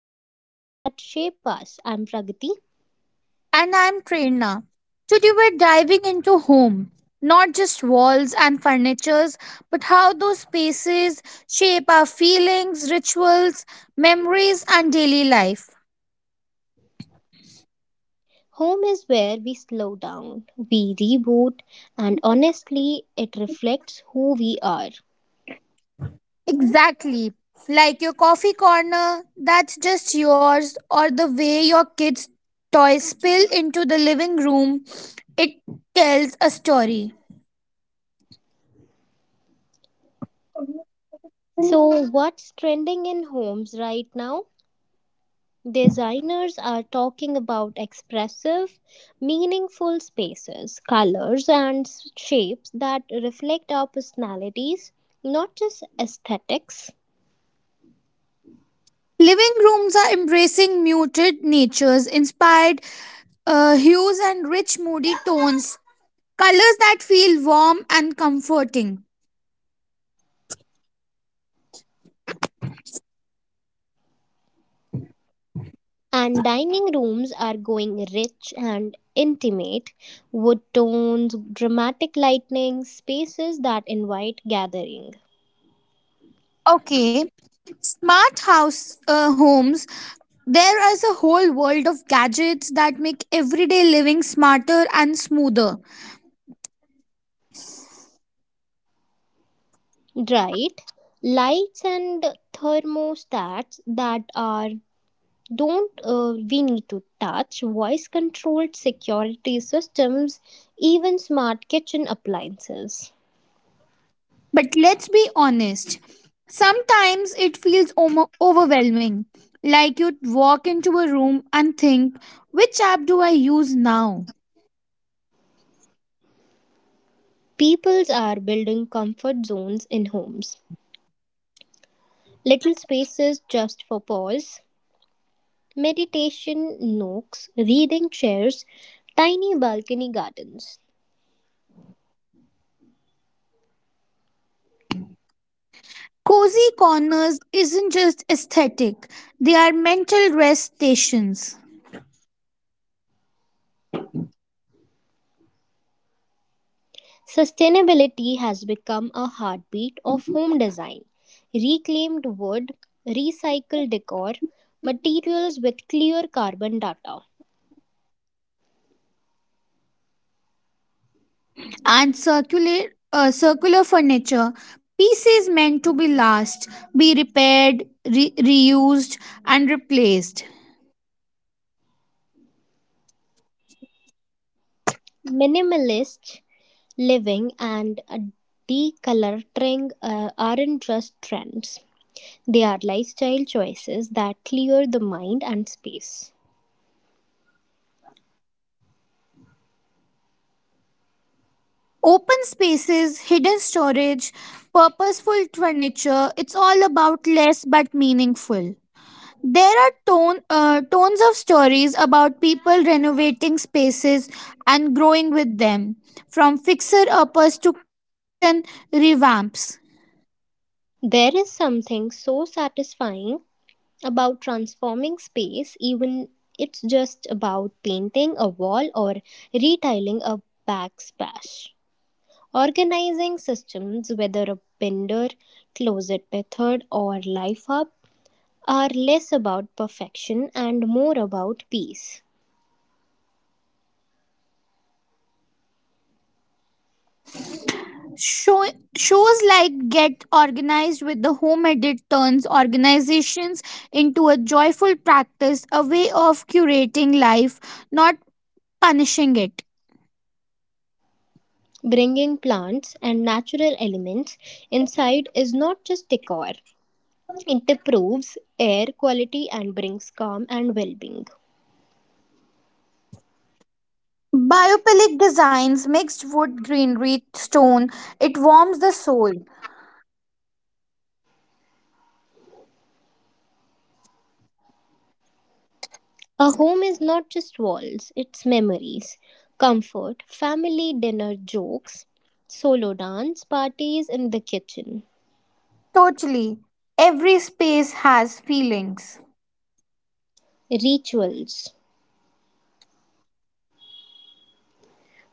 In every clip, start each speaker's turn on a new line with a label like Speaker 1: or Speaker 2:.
Speaker 1: spaces that shape us. I'm Pragati.
Speaker 2: And I'm Prerna. Today we're diving into home, not just walls and furnitures, but how those spaces shape our feelings, rituals, memories, and daily life.
Speaker 1: Home is where we slow down, we reboot, and honestly, it reflects who we are.
Speaker 2: Exactly. Like your coffee corner that's just yours, or the way your kids' toys spill into the living room, it tells a story.
Speaker 1: So, what's trending in homes right now? Designers are talking about expressive, meaningful spaces, colors, and shapes that reflect our personalities, not just aesthetics.
Speaker 2: Living rooms are embracing muted natures inspired hues and rich moody tones, colors that feel warm and comforting.
Speaker 1: And dining rooms are going rich and intimate wood tones, dramatic lighting, spaces that invite gathering.
Speaker 2: Okay, smart house homes. There is a whole world of gadgets that make everyday living smarter and smoother.
Speaker 1: Right, lights and thermostats that are don't we need to touch, voice controlled security systems, even smart kitchen appliances.
Speaker 2: But let's be honest, sometimes it feels overwhelming. Like you walk into a room and think, which app do I use now?
Speaker 1: Peoples are building comfort zones in homes, little spaces just for pause. Meditation nooks, reading chairs, tiny balcony gardens.
Speaker 2: Cozy corners isn't just aesthetic, they are mental rest stations.
Speaker 1: Sustainability has become a heartbeat of home design. Reclaimed wood, recycled decor, materials with clear carbon data.
Speaker 2: And circular furniture pieces meant to be last, be repaired, reused, and replaced.
Speaker 1: Minimalist living and decluttering aren't just trends, they are lifestyle choices that clear the mind and space.
Speaker 2: Open spaces, hidden storage, purposeful furniture, it's all about less but meaningful. There are tons of stories about people renovating spaces and growing with them, from fixer uppers to kitchen revamps.
Speaker 1: There is something so satisfying about transforming space, even it's just about painting a wall or retiling a backsplash. Organizing systems, whether a bender, closet method, or life hub, are less about perfection and more about peace.
Speaker 2: Show, Shows like Get Organized with the Home Edit turns organizations into a joyful practice, a way of curating life, not punishing it.
Speaker 1: Bringing plants and natural elements inside is not just decor, it improves air quality and brings calm and well being.
Speaker 2: Biopilic designs, mixed wood, greenery, stone, it warms the soul.
Speaker 1: A home is not just walls, it's memories, comfort, family dinner jokes, solo dance parties in the kitchen,
Speaker 2: Totally. Every space has feelings.
Speaker 1: rituals,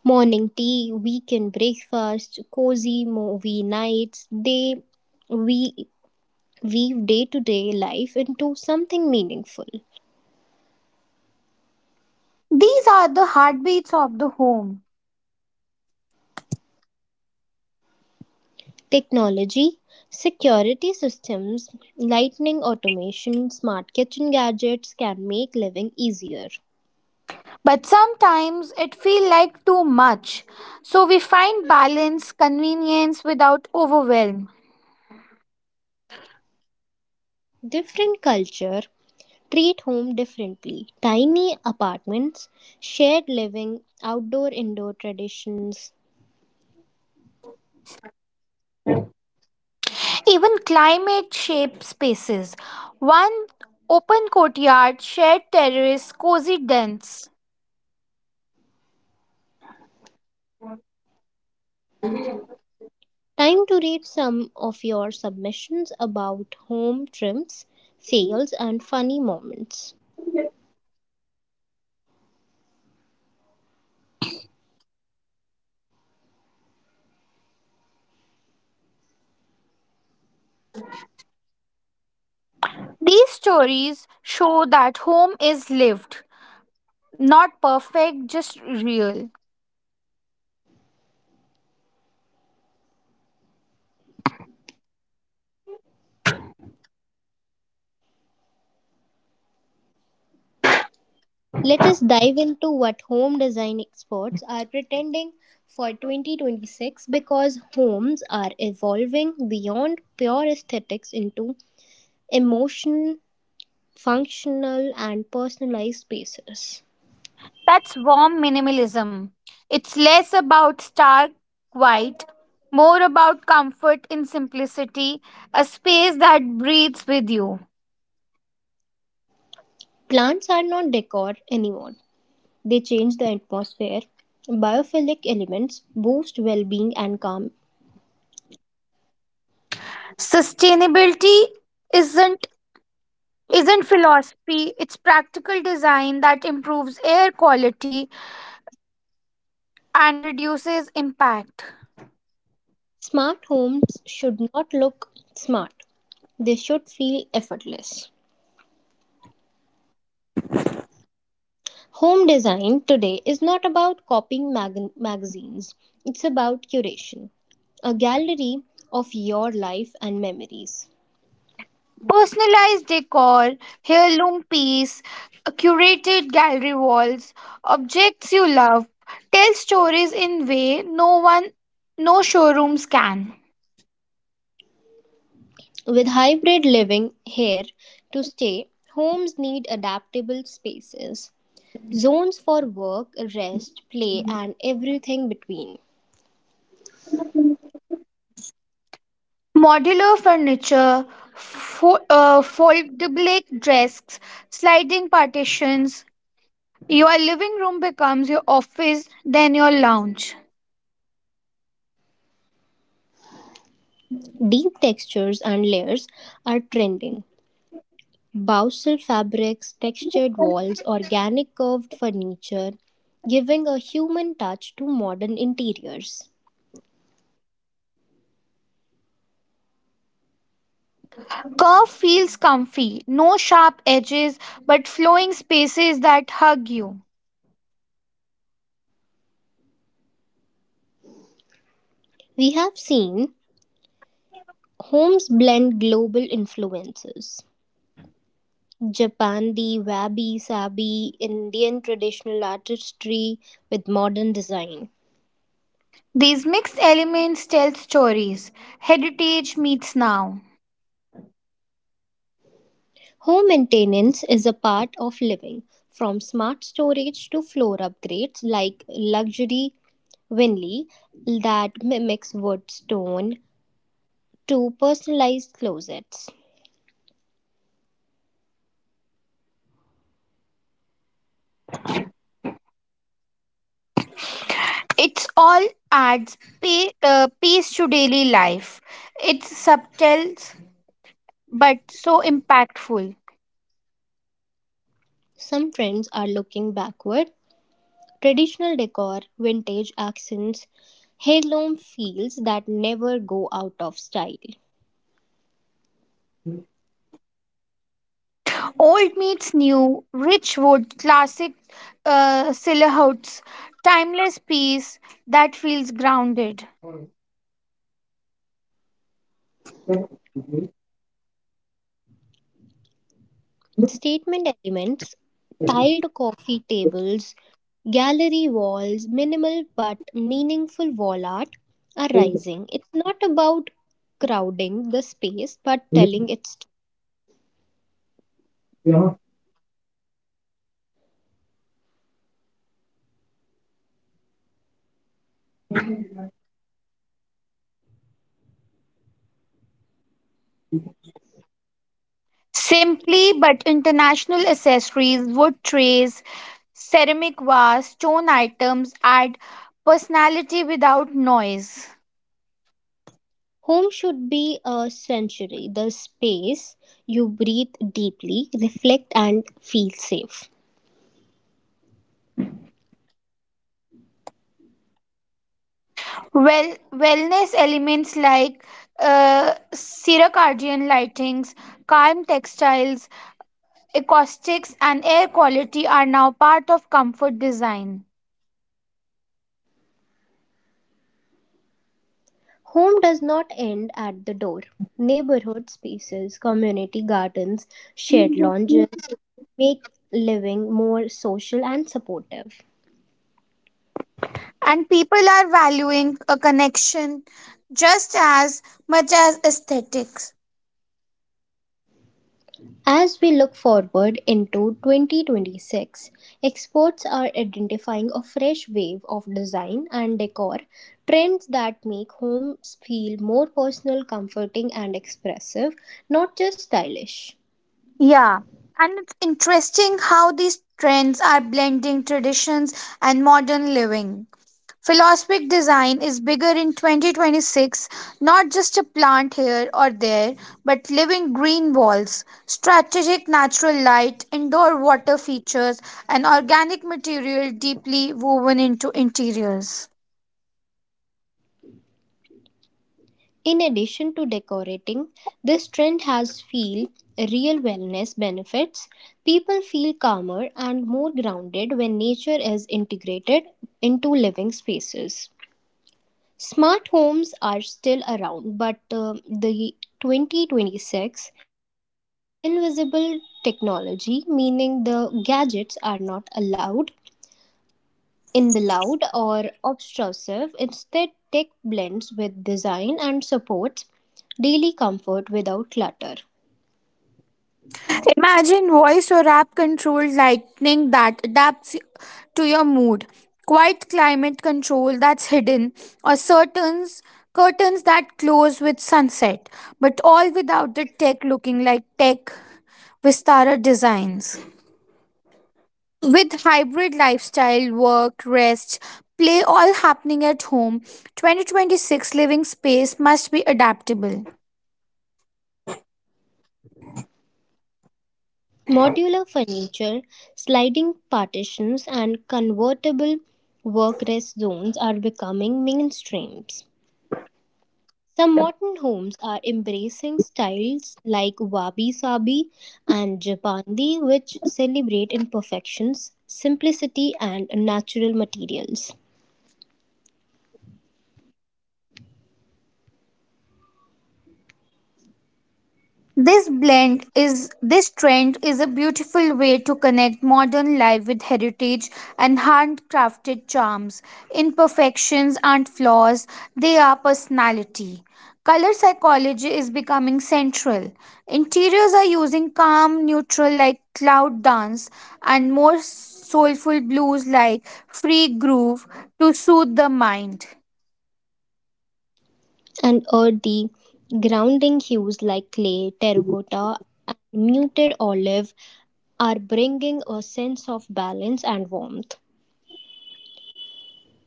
Speaker 1: morning tea, weekend breakfast, cozy movie nights. They we weave day to day life into something meaningful.
Speaker 2: These are the heartbeats of the home.
Speaker 1: Technology, security systems, lightning automation, smart kitchen gadgets can make living easier.
Speaker 2: But sometimes it feels like too much. So we find balance, convenience without overwhelm.
Speaker 1: Different culture, treat home differently. Tiny apartments, shared living, outdoor indoor traditions.
Speaker 2: Even climate shaped spaces. One open courtyard, shared terrace, cozy dens.
Speaker 1: Time to read some of your submissions about home trims, fails, and funny moments.
Speaker 2: These stories show that home is lived, not perfect, just real.
Speaker 1: Let us dive into what home design experts are pretending for 2026 because homes are evolving beyond pure aesthetics into emotion, functional, and personalized spaces.
Speaker 2: That's warm minimalism. It's less about stark white, more about comfort in simplicity, a space that breathes with you.
Speaker 1: Plants are not decor anymore, they change the atmosphere. Biophilic elements boost well being and calm.
Speaker 2: Sustainability isn't isn't philosophy, it's practical design that improves air quality and reduces impact.
Speaker 1: Smart homes should not look smart, they should feel effortless. Home design today is not about copying magazines, it's about curation, a gallery of your life and memories.
Speaker 2: Personalized decor, heirloom piece, curated gallery walls, objects you love tell stories in way no one, no showrooms can.
Speaker 1: With hybrid living here to stay, homes need adaptable spaces. Zones for work, rest, play, and everything between.
Speaker 2: Modular furniture, foldable desks, sliding partitions. Your living room becomes your office, then your lounge.
Speaker 1: Deep textures and layers are trending. Bousal fabrics, textured walls, organic curved furniture, giving a human touch to modern interiors.
Speaker 2: Curve feels comfy, no sharp edges, but flowing spaces that hug you.
Speaker 1: We have seen homes blend global influences. Japan, the wabi sabi, Indian traditional artistry with modern design.
Speaker 2: These mixed elements tell stories. Heritage meets now.
Speaker 1: Home maintenance is a part of living, from smart storage to floor upgrades like luxury Winley that mimics wood stone to personalized closets.
Speaker 2: It's all adds pace to daily life. It's subtle but so impactful.
Speaker 1: Some trends are looking backward. Traditional decor, vintage accents, heirloom feels that never go out of style.
Speaker 2: Old meets new, rich wood, classic silhouettes, timeless piece that feels grounded.
Speaker 1: Statement elements, tiled coffee tables, gallery walls, minimal but meaningful wall art are rising. It's not about crowding the space but telling its story.
Speaker 2: Simply but international accessories, wood trays, ceramic vase, stone items add personality without noise.
Speaker 1: Home should be a sanctuary, the space you breathe deeply, reflect, and feel safe.
Speaker 2: Wellness elements like circadian lightings, calm textiles, acoustics, and air quality are now part of comfort design.
Speaker 1: Home does not end at the door. Neighborhood spaces, community gardens, shared lounges make living more social and supportive.
Speaker 2: And people are valuing a connection just as much as aesthetics.
Speaker 1: As we look forward into 2026, experts are identifying a fresh wave of design and decor trends that make homes feel more personal, comforting, and expressive, not just stylish.
Speaker 2: Yeah, and it's interesting how these trends are blending traditions and modern living. Philosophic design is bigger in 2026, not just a plant here or there, but living green walls, strategic natural light, indoor water features, and organic material deeply woven into interiors.
Speaker 1: In addition to decorating, this trend has feel real wellness benefits. People feel calmer and more grounded when nature is integrated into living spaces. Smart homes are still around, but the 2026 shift is invisible technology, meaning the gadgets are not allowed in the loud or obtrusive. Instead, tech blends with design and supports daily comfort without clutter.
Speaker 2: Imagine voice or app controlled lightning that adapts to your mood, quiet climate control that's hidden, or curtains that close with sunset, but all without the tech looking like tech. Vistara designs. With hybrid lifestyle, work, rest, play all happening at home, 2026 living space must be adaptable.
Speaker 1: Modular furniture, sliding partitions, and convertible work rest zones are becoming mainstreams. Some modern homes are embracing styles like wabi sabi and japandi, which celebrate imperfections, simplicity, and natural materials,
Speaker 2: This trend is a beautiful way to connect modern life with heritage and handcrafted charms. Imperfections aren't flaws, they are personality. Color psychology is becoming central. Interiors are using calm, neutral like cloud dance and more soulful blues like free groove to soothe the mind.
Speaker 1: and earthy, grounding hues like clay, terracotta, and muted olive are bringing a sense of balance and warmth.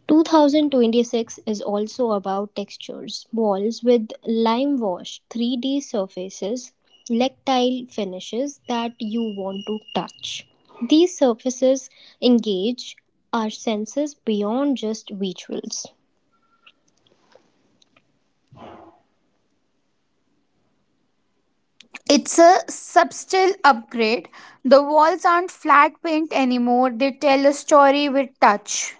Speaker 1: 2026 is also about textures, walls with lime wash, 3D surfaces, tactile finishes that you want to touch. These surfaces engage our senses beyond just visuals.
Speaker 2: It's a subtle upgrade. The walls aren't flat paint anymore, they tell a story with touch.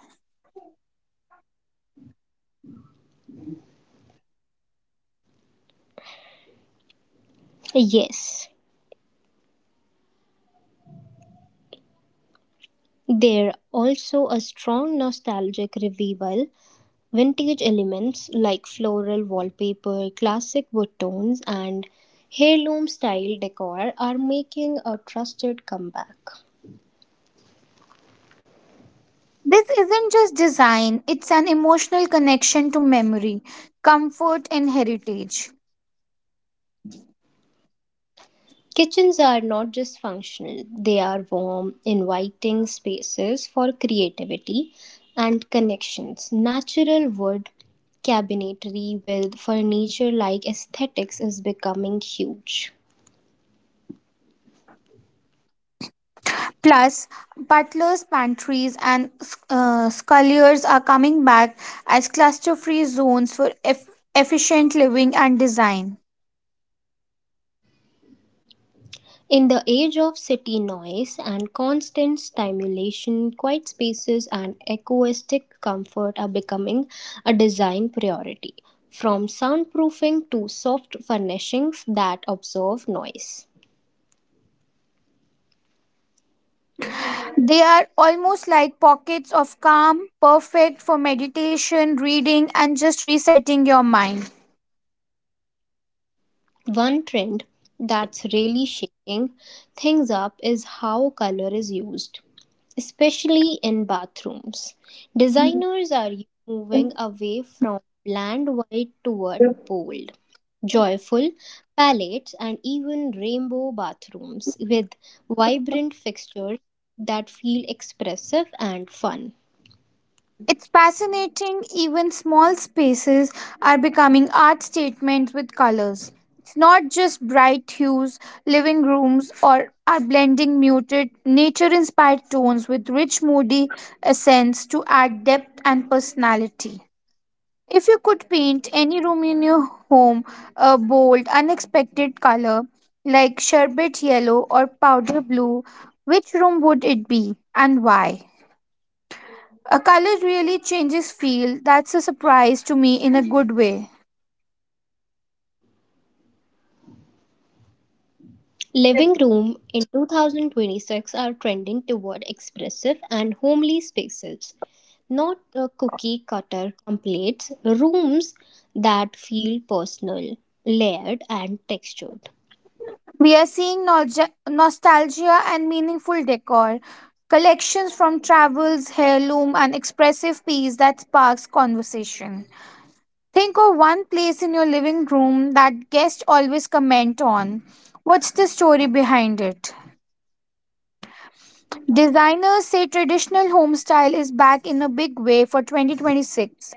Speaker 1: Yes, they're also a strong nostalgic revival. Vintage elements like floral wallpaper, classic wood tones, and heirloom style decor are making a trusted comeback.
Speaker 2: This isn't just design, it's an emotional connection to memory, comfort, and heritage.
Speaker 1: Kitchens are not just functional, they are warm, inviting spaces for creativity and connections. Natural wood cabinetry with furniture like aesthetics is becoming huge.
Speaker 2: Plus, butlers, pantries, and sculliers are coming back as cluster free zones for efficient living and design.
Speaker 1: In the age of city noise and constant stimulation, quiet spaces and acoustic comfort are becoming a design priority, from soundproofing to soft furnishings that absorb noise.
Speaker 2: They are almost like pockets of calm, perfect for meditation, reading, and just resetting your mind.
Speaker 1: One trend that's really shaking things up is how color is used, especially in bathrooms. Designers are moving away from bland white toward bold, joyful palettes and even rainbow bathrooms with vibrant fixtures that feel expressive and fun.
Speaker 2: It's fascinating, even small spaces are becoming art statements with colors. It's not just bright hues, living rooms, or are blending muted, nature inspired tones with rich, moody accents to add depth and personality. If you could paint any room in your home a bold, unexpected color like sherbet yellow or powder blue, which room would it be and why? A color really changes feel. That's a surprise to me in a good way.
Speaker 1: Living room in 2026 are trending toward expressive and homely spaces, not cookie cutter templates, rooms that feel personal, layered, and textured.
Speaker 2: We are seeing nostalgia and meaningful decor, collections from travels, heirloom, and expressive piece that sparks conversation. Think of one place in your living room that guests always comment on. What's the story behind it? Designers say traditional home style is back in a big way for 2026.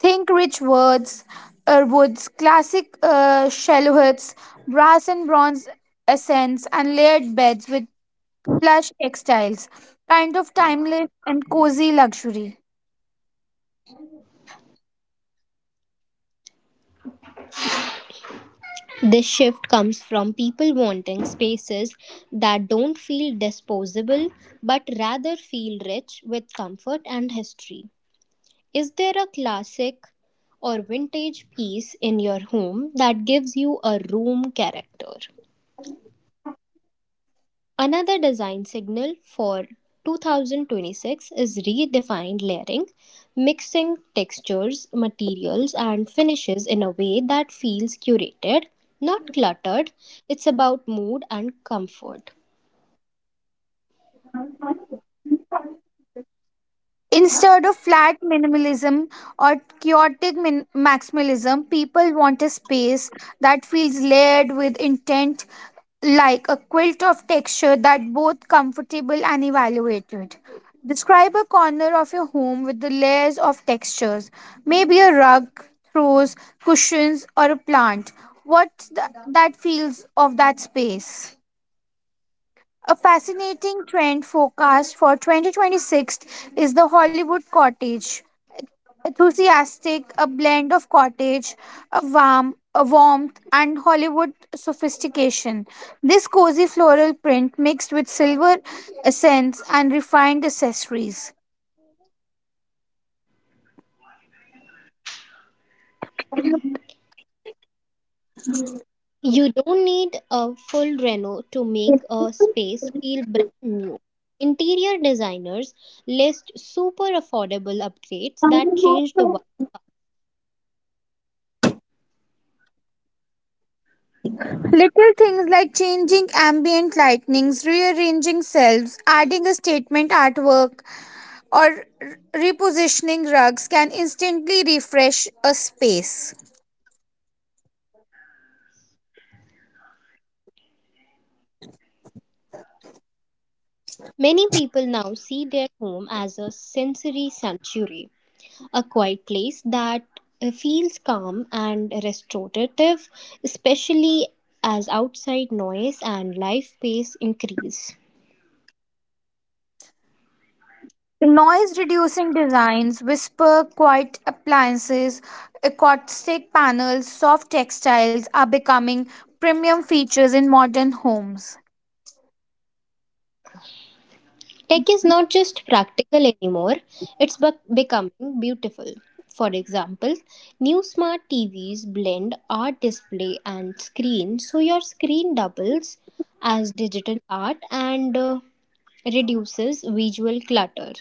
Speaker 2: Think rich woods, classic shallow huts, brass and bronze accents, and layered beds with plush textiles. Kind of timeless and cozy luxury.
Speaker 1: This shift comes from people wanting spaces that don't feel disposable but rather feel rich with comfort and history. Is there a classic or vintage piece in your home that gives you a room character? Another design signal for 2026 is redefined layering, mixing textures, materials, and finishes in a way that feels curated, not cluttered. It's about mood and comfort.
Speaker 2: Instead of flat minimalism or chaotic maximalism, people want a space that feels layered with intent, like a quilt of texture that both comfortable and evaluated. Describe a corner of your home with the layers of textures, maybe a rug, throws, cushions, or a plant. That feels of that space. A fascinating trend forecast for 2026 is the Hollywood cottage, enthusiastic, a blend of cottage, a warmth, and Hollywood sophistication. This cozy floral print mixed with silver accents and refined accessories.
Speaker 1: You don't need a full reno to make a space feel brand new. Interior designers list super affordable upgrades that change the vibe.
Speaker 2: Little things like changing ambient lightnings, rearranging shelves, adding a statement artwork, or repositioning rugs can instantly refresh a space.
Speaker 1: Many people now see their home as a sensory sanctuary, a quiet place that feels calm and restorative, especially as outside noise and life pace increase.
Speaker 2: Noise reducing designs, whisper quiet appliances, acoustic panels, soft textiles are becoming premium features in modern homes.
Speaker 1: Tech is not just practical anymore, it's becoming beautiful. For example, new smart TVs blend art display and screen, so your screen doubles as digital art and reduces visual clutter.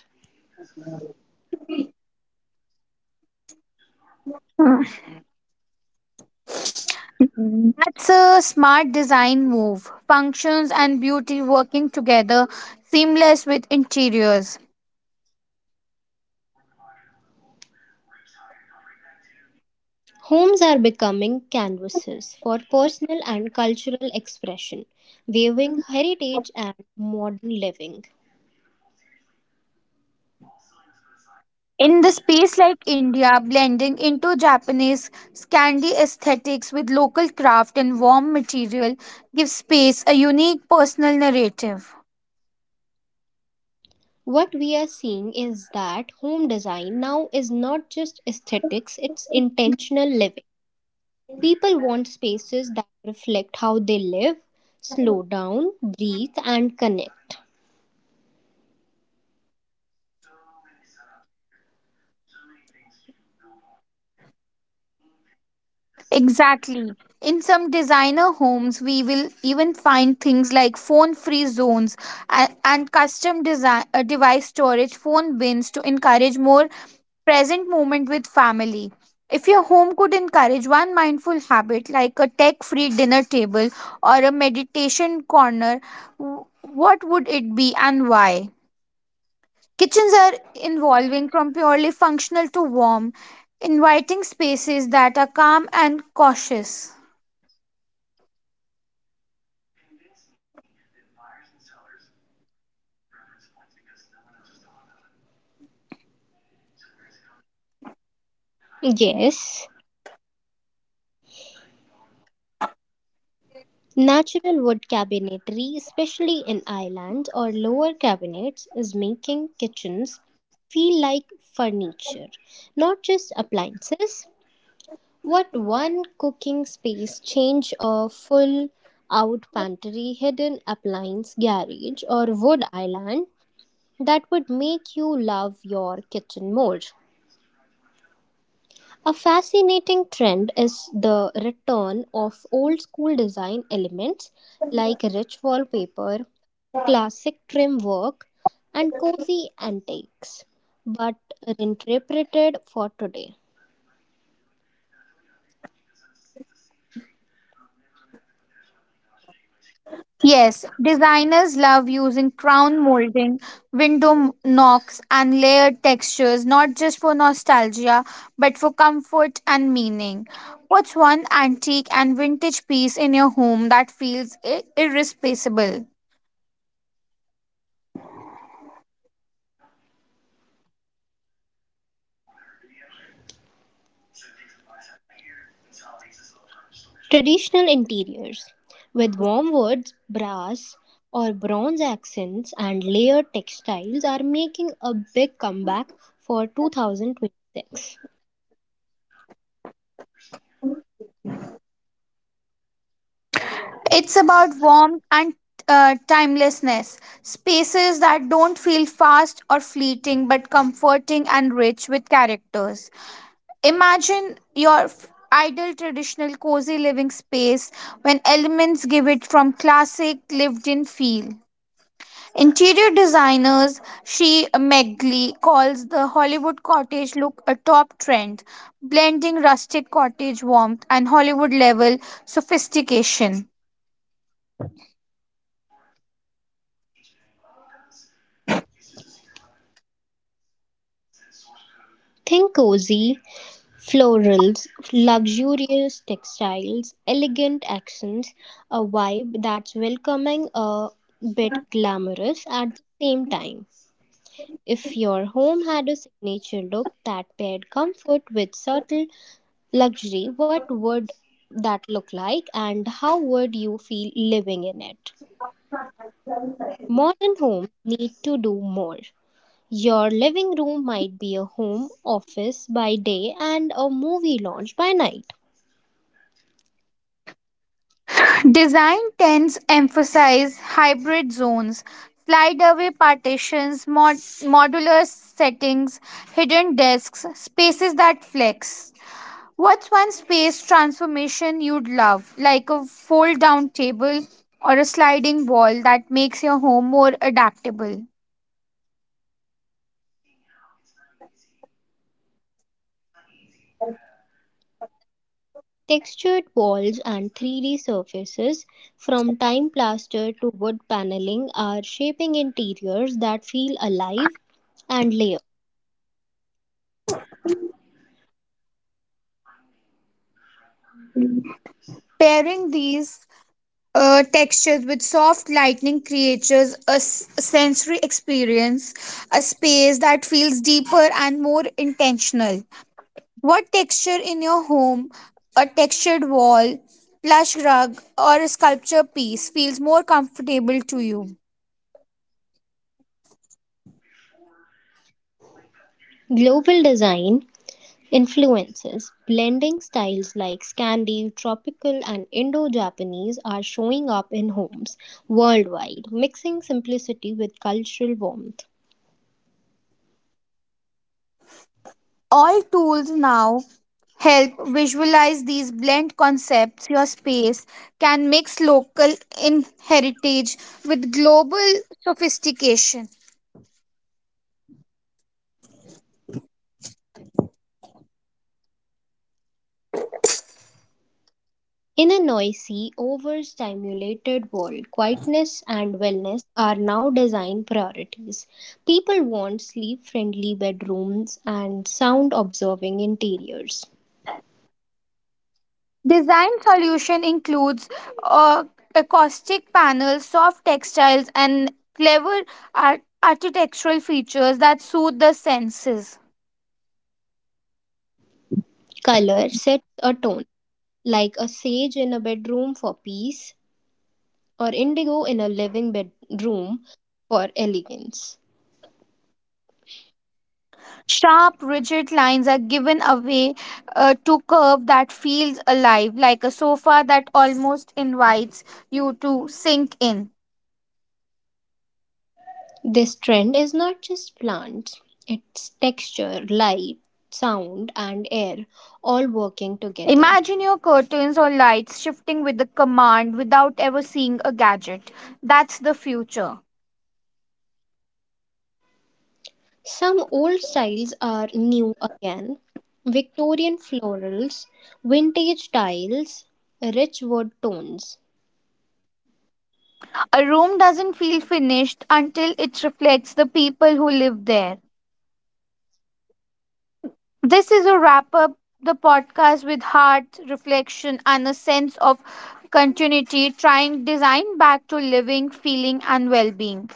Speaker 2: That's a smart design move. Functions and beauty working together, seamless with interiors.
Speaker 1: Homes are becoming canvases for personal and cultural expression, weaving heritage and modern living.
Speaker 2: In the space like India, blending into Japanese Scandi aesthetics with local craft and warm material gives space a unique personal narrative.
Speaker 1: What we are seeing is that home design now is not just aesthetics, it's intentional living. People want spaces that reflect how they live, slow down, breathe, and connect.
Speaker 2: Exactly. In some designer homes, we will even find things like phone free zones and custom design, device storage, phone bins to encourage more present moment with family. If your home could encourage one mindful habit like a tech free dinner table or a meditation corner, w- what would it be and why? Kitchens are evolving from purely functional to warm, inviting spaces that are calm and cautious.
Speaker 1: Yes, natural wood cabinetry, especially in island or lower cabinets, is making kitchens feel like furniture, not just appliances. What one cooking space change, a full out pantry, hidden appliance garage, or wood island, that would make you love your kitchen more. A fascinating trend is the return of old school design elements like rich wallpaper, classic trim work, and cozy antiques, but reinterpreted for today.
Speaker 2: Yes, designers love using crown molding, window knocks, and layered textures, not just for nostalgia, but for comfort and meaning. What's one antique and vintage piece in your home that feels irreplaceable?
Speaker 1: Traditional interiors with warm woods, brass, or bronze accents and layered textiles are making a big comeback for 2026.
Speaker 2: It's about warmth and timelessness, spaces that don't feel fast or fleeting, but comforting and rich with characters. Imagine your ideal traditional cozy living space when elements give it from classic lived in feel. Interior designers She Megli calls the Hollywood cottage look a top trend, blending rustic cottage warmth and Hollywood level sophistication.
Speaker 1: Think cozy florals, luxurious textiles, elegant accents, a vibe that's welcoming a bit glamorous at the same time. If your home had a signature look that paired comfort with subtle luxury, what would that look like and how would you feel living in it? Modern homes need to do more. Your living room might be a home office by day and a movie lounge by night.
Speaker 2: Design tends emphasize hybrid zones, slide-away partitions, modular settings, hidden desks, spaces that flex. What's one space transformation you'd love, like a fold down table or a sliding wall that makes your home more adaptable?
Speaker 1: Textured walls and 3D surfaces, from time plaster to wood paneling, are shaping interiors that feel alive and layered.
Speaker 2: Pairing these textures with soft lightning creatures a sensory experience, a space that feels deeper and more intentional. What texture in your home, a textured wall, plush rug, or a sculpture piece feels more comfortable to you?
Speaker 1: Global design influences, blending styles like Scandi, tropical, and Indo Japanese are showing up in homes worldwide, mixing simplicity with cultural warmth.
Speaker 2: All tools now help visualize these blend concepts your space can mix local in heritage with global sophistication.
Speaker 1: In a noisy, overstimulated world, quietness and wellness are now design priorities. People want sleep friendly bedrooms and sound observing interiors.
Speaker 2: Design solution includes uh, acoustic panels, soft textiles, and clever architectural features that soothe the senses.
Speaker 1: Color sets a tone, like a sage in a bedroom for peace, or indigo in a living bedroom for elegance.
Speaker 2: Sharp rigid lines are given away to curve that feels alive, like a sofa that almost invites you to sink in.
Speaker 1: This trend is not just plants, it's texture, light, sound, and air all working together.
Speaker 2: Imagine your curtains or lights shifting with the command without ever seeing a gadget. That's the future.
Speaker 1: Some old styles are new again. Victorian florals, vintage tiles, rich wood tones.
Speaker 2: A room doesn't feel finished until it reflects the people who live there. This is a wrap up the podcast with heart, reflection, and a sense of continuity, trying design back to living, feeling, and well being.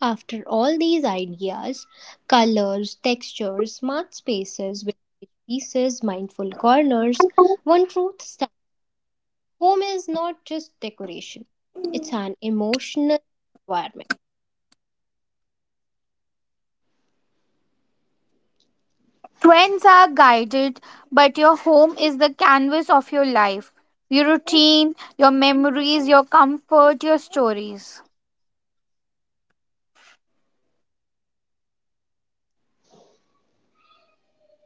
Speaker 1: After all these ideas, colors, textures, smart spaces, vintage pieces, mindful corners, one truth stands. Home is not just decoration, it's an emotional environment.
Speaker 2: Trends are guided, but your home is the canvas of your life, your routine, your memories, your comfort, your stories.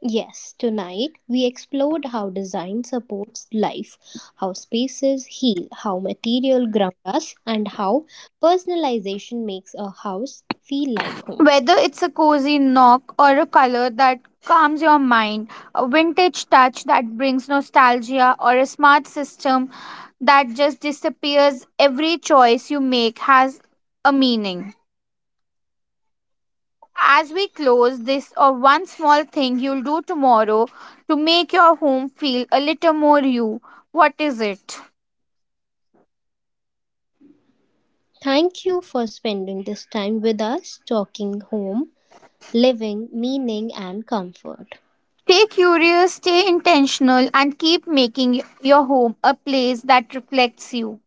Speaker 1: Yes, tonight we explored how design supports life, how spaces heal, how material ground us, and how personalization makes a house feel like home.
Speaker 2: Whether it's a cozy knock or a color that calms your mind, a vintage touch that brings nostalgia, or a smart system that just disappears, every choice you make has a meaning. As we close this, or one small thing you'll do tomorrow to make your home feel a little more you, what is it?
Speaker 1: Thank you for spending this time with us talking home, living, meaning, and comfort.
Speaker 2: Stay curious, stay intentional, and keep making your home a place that reflects you.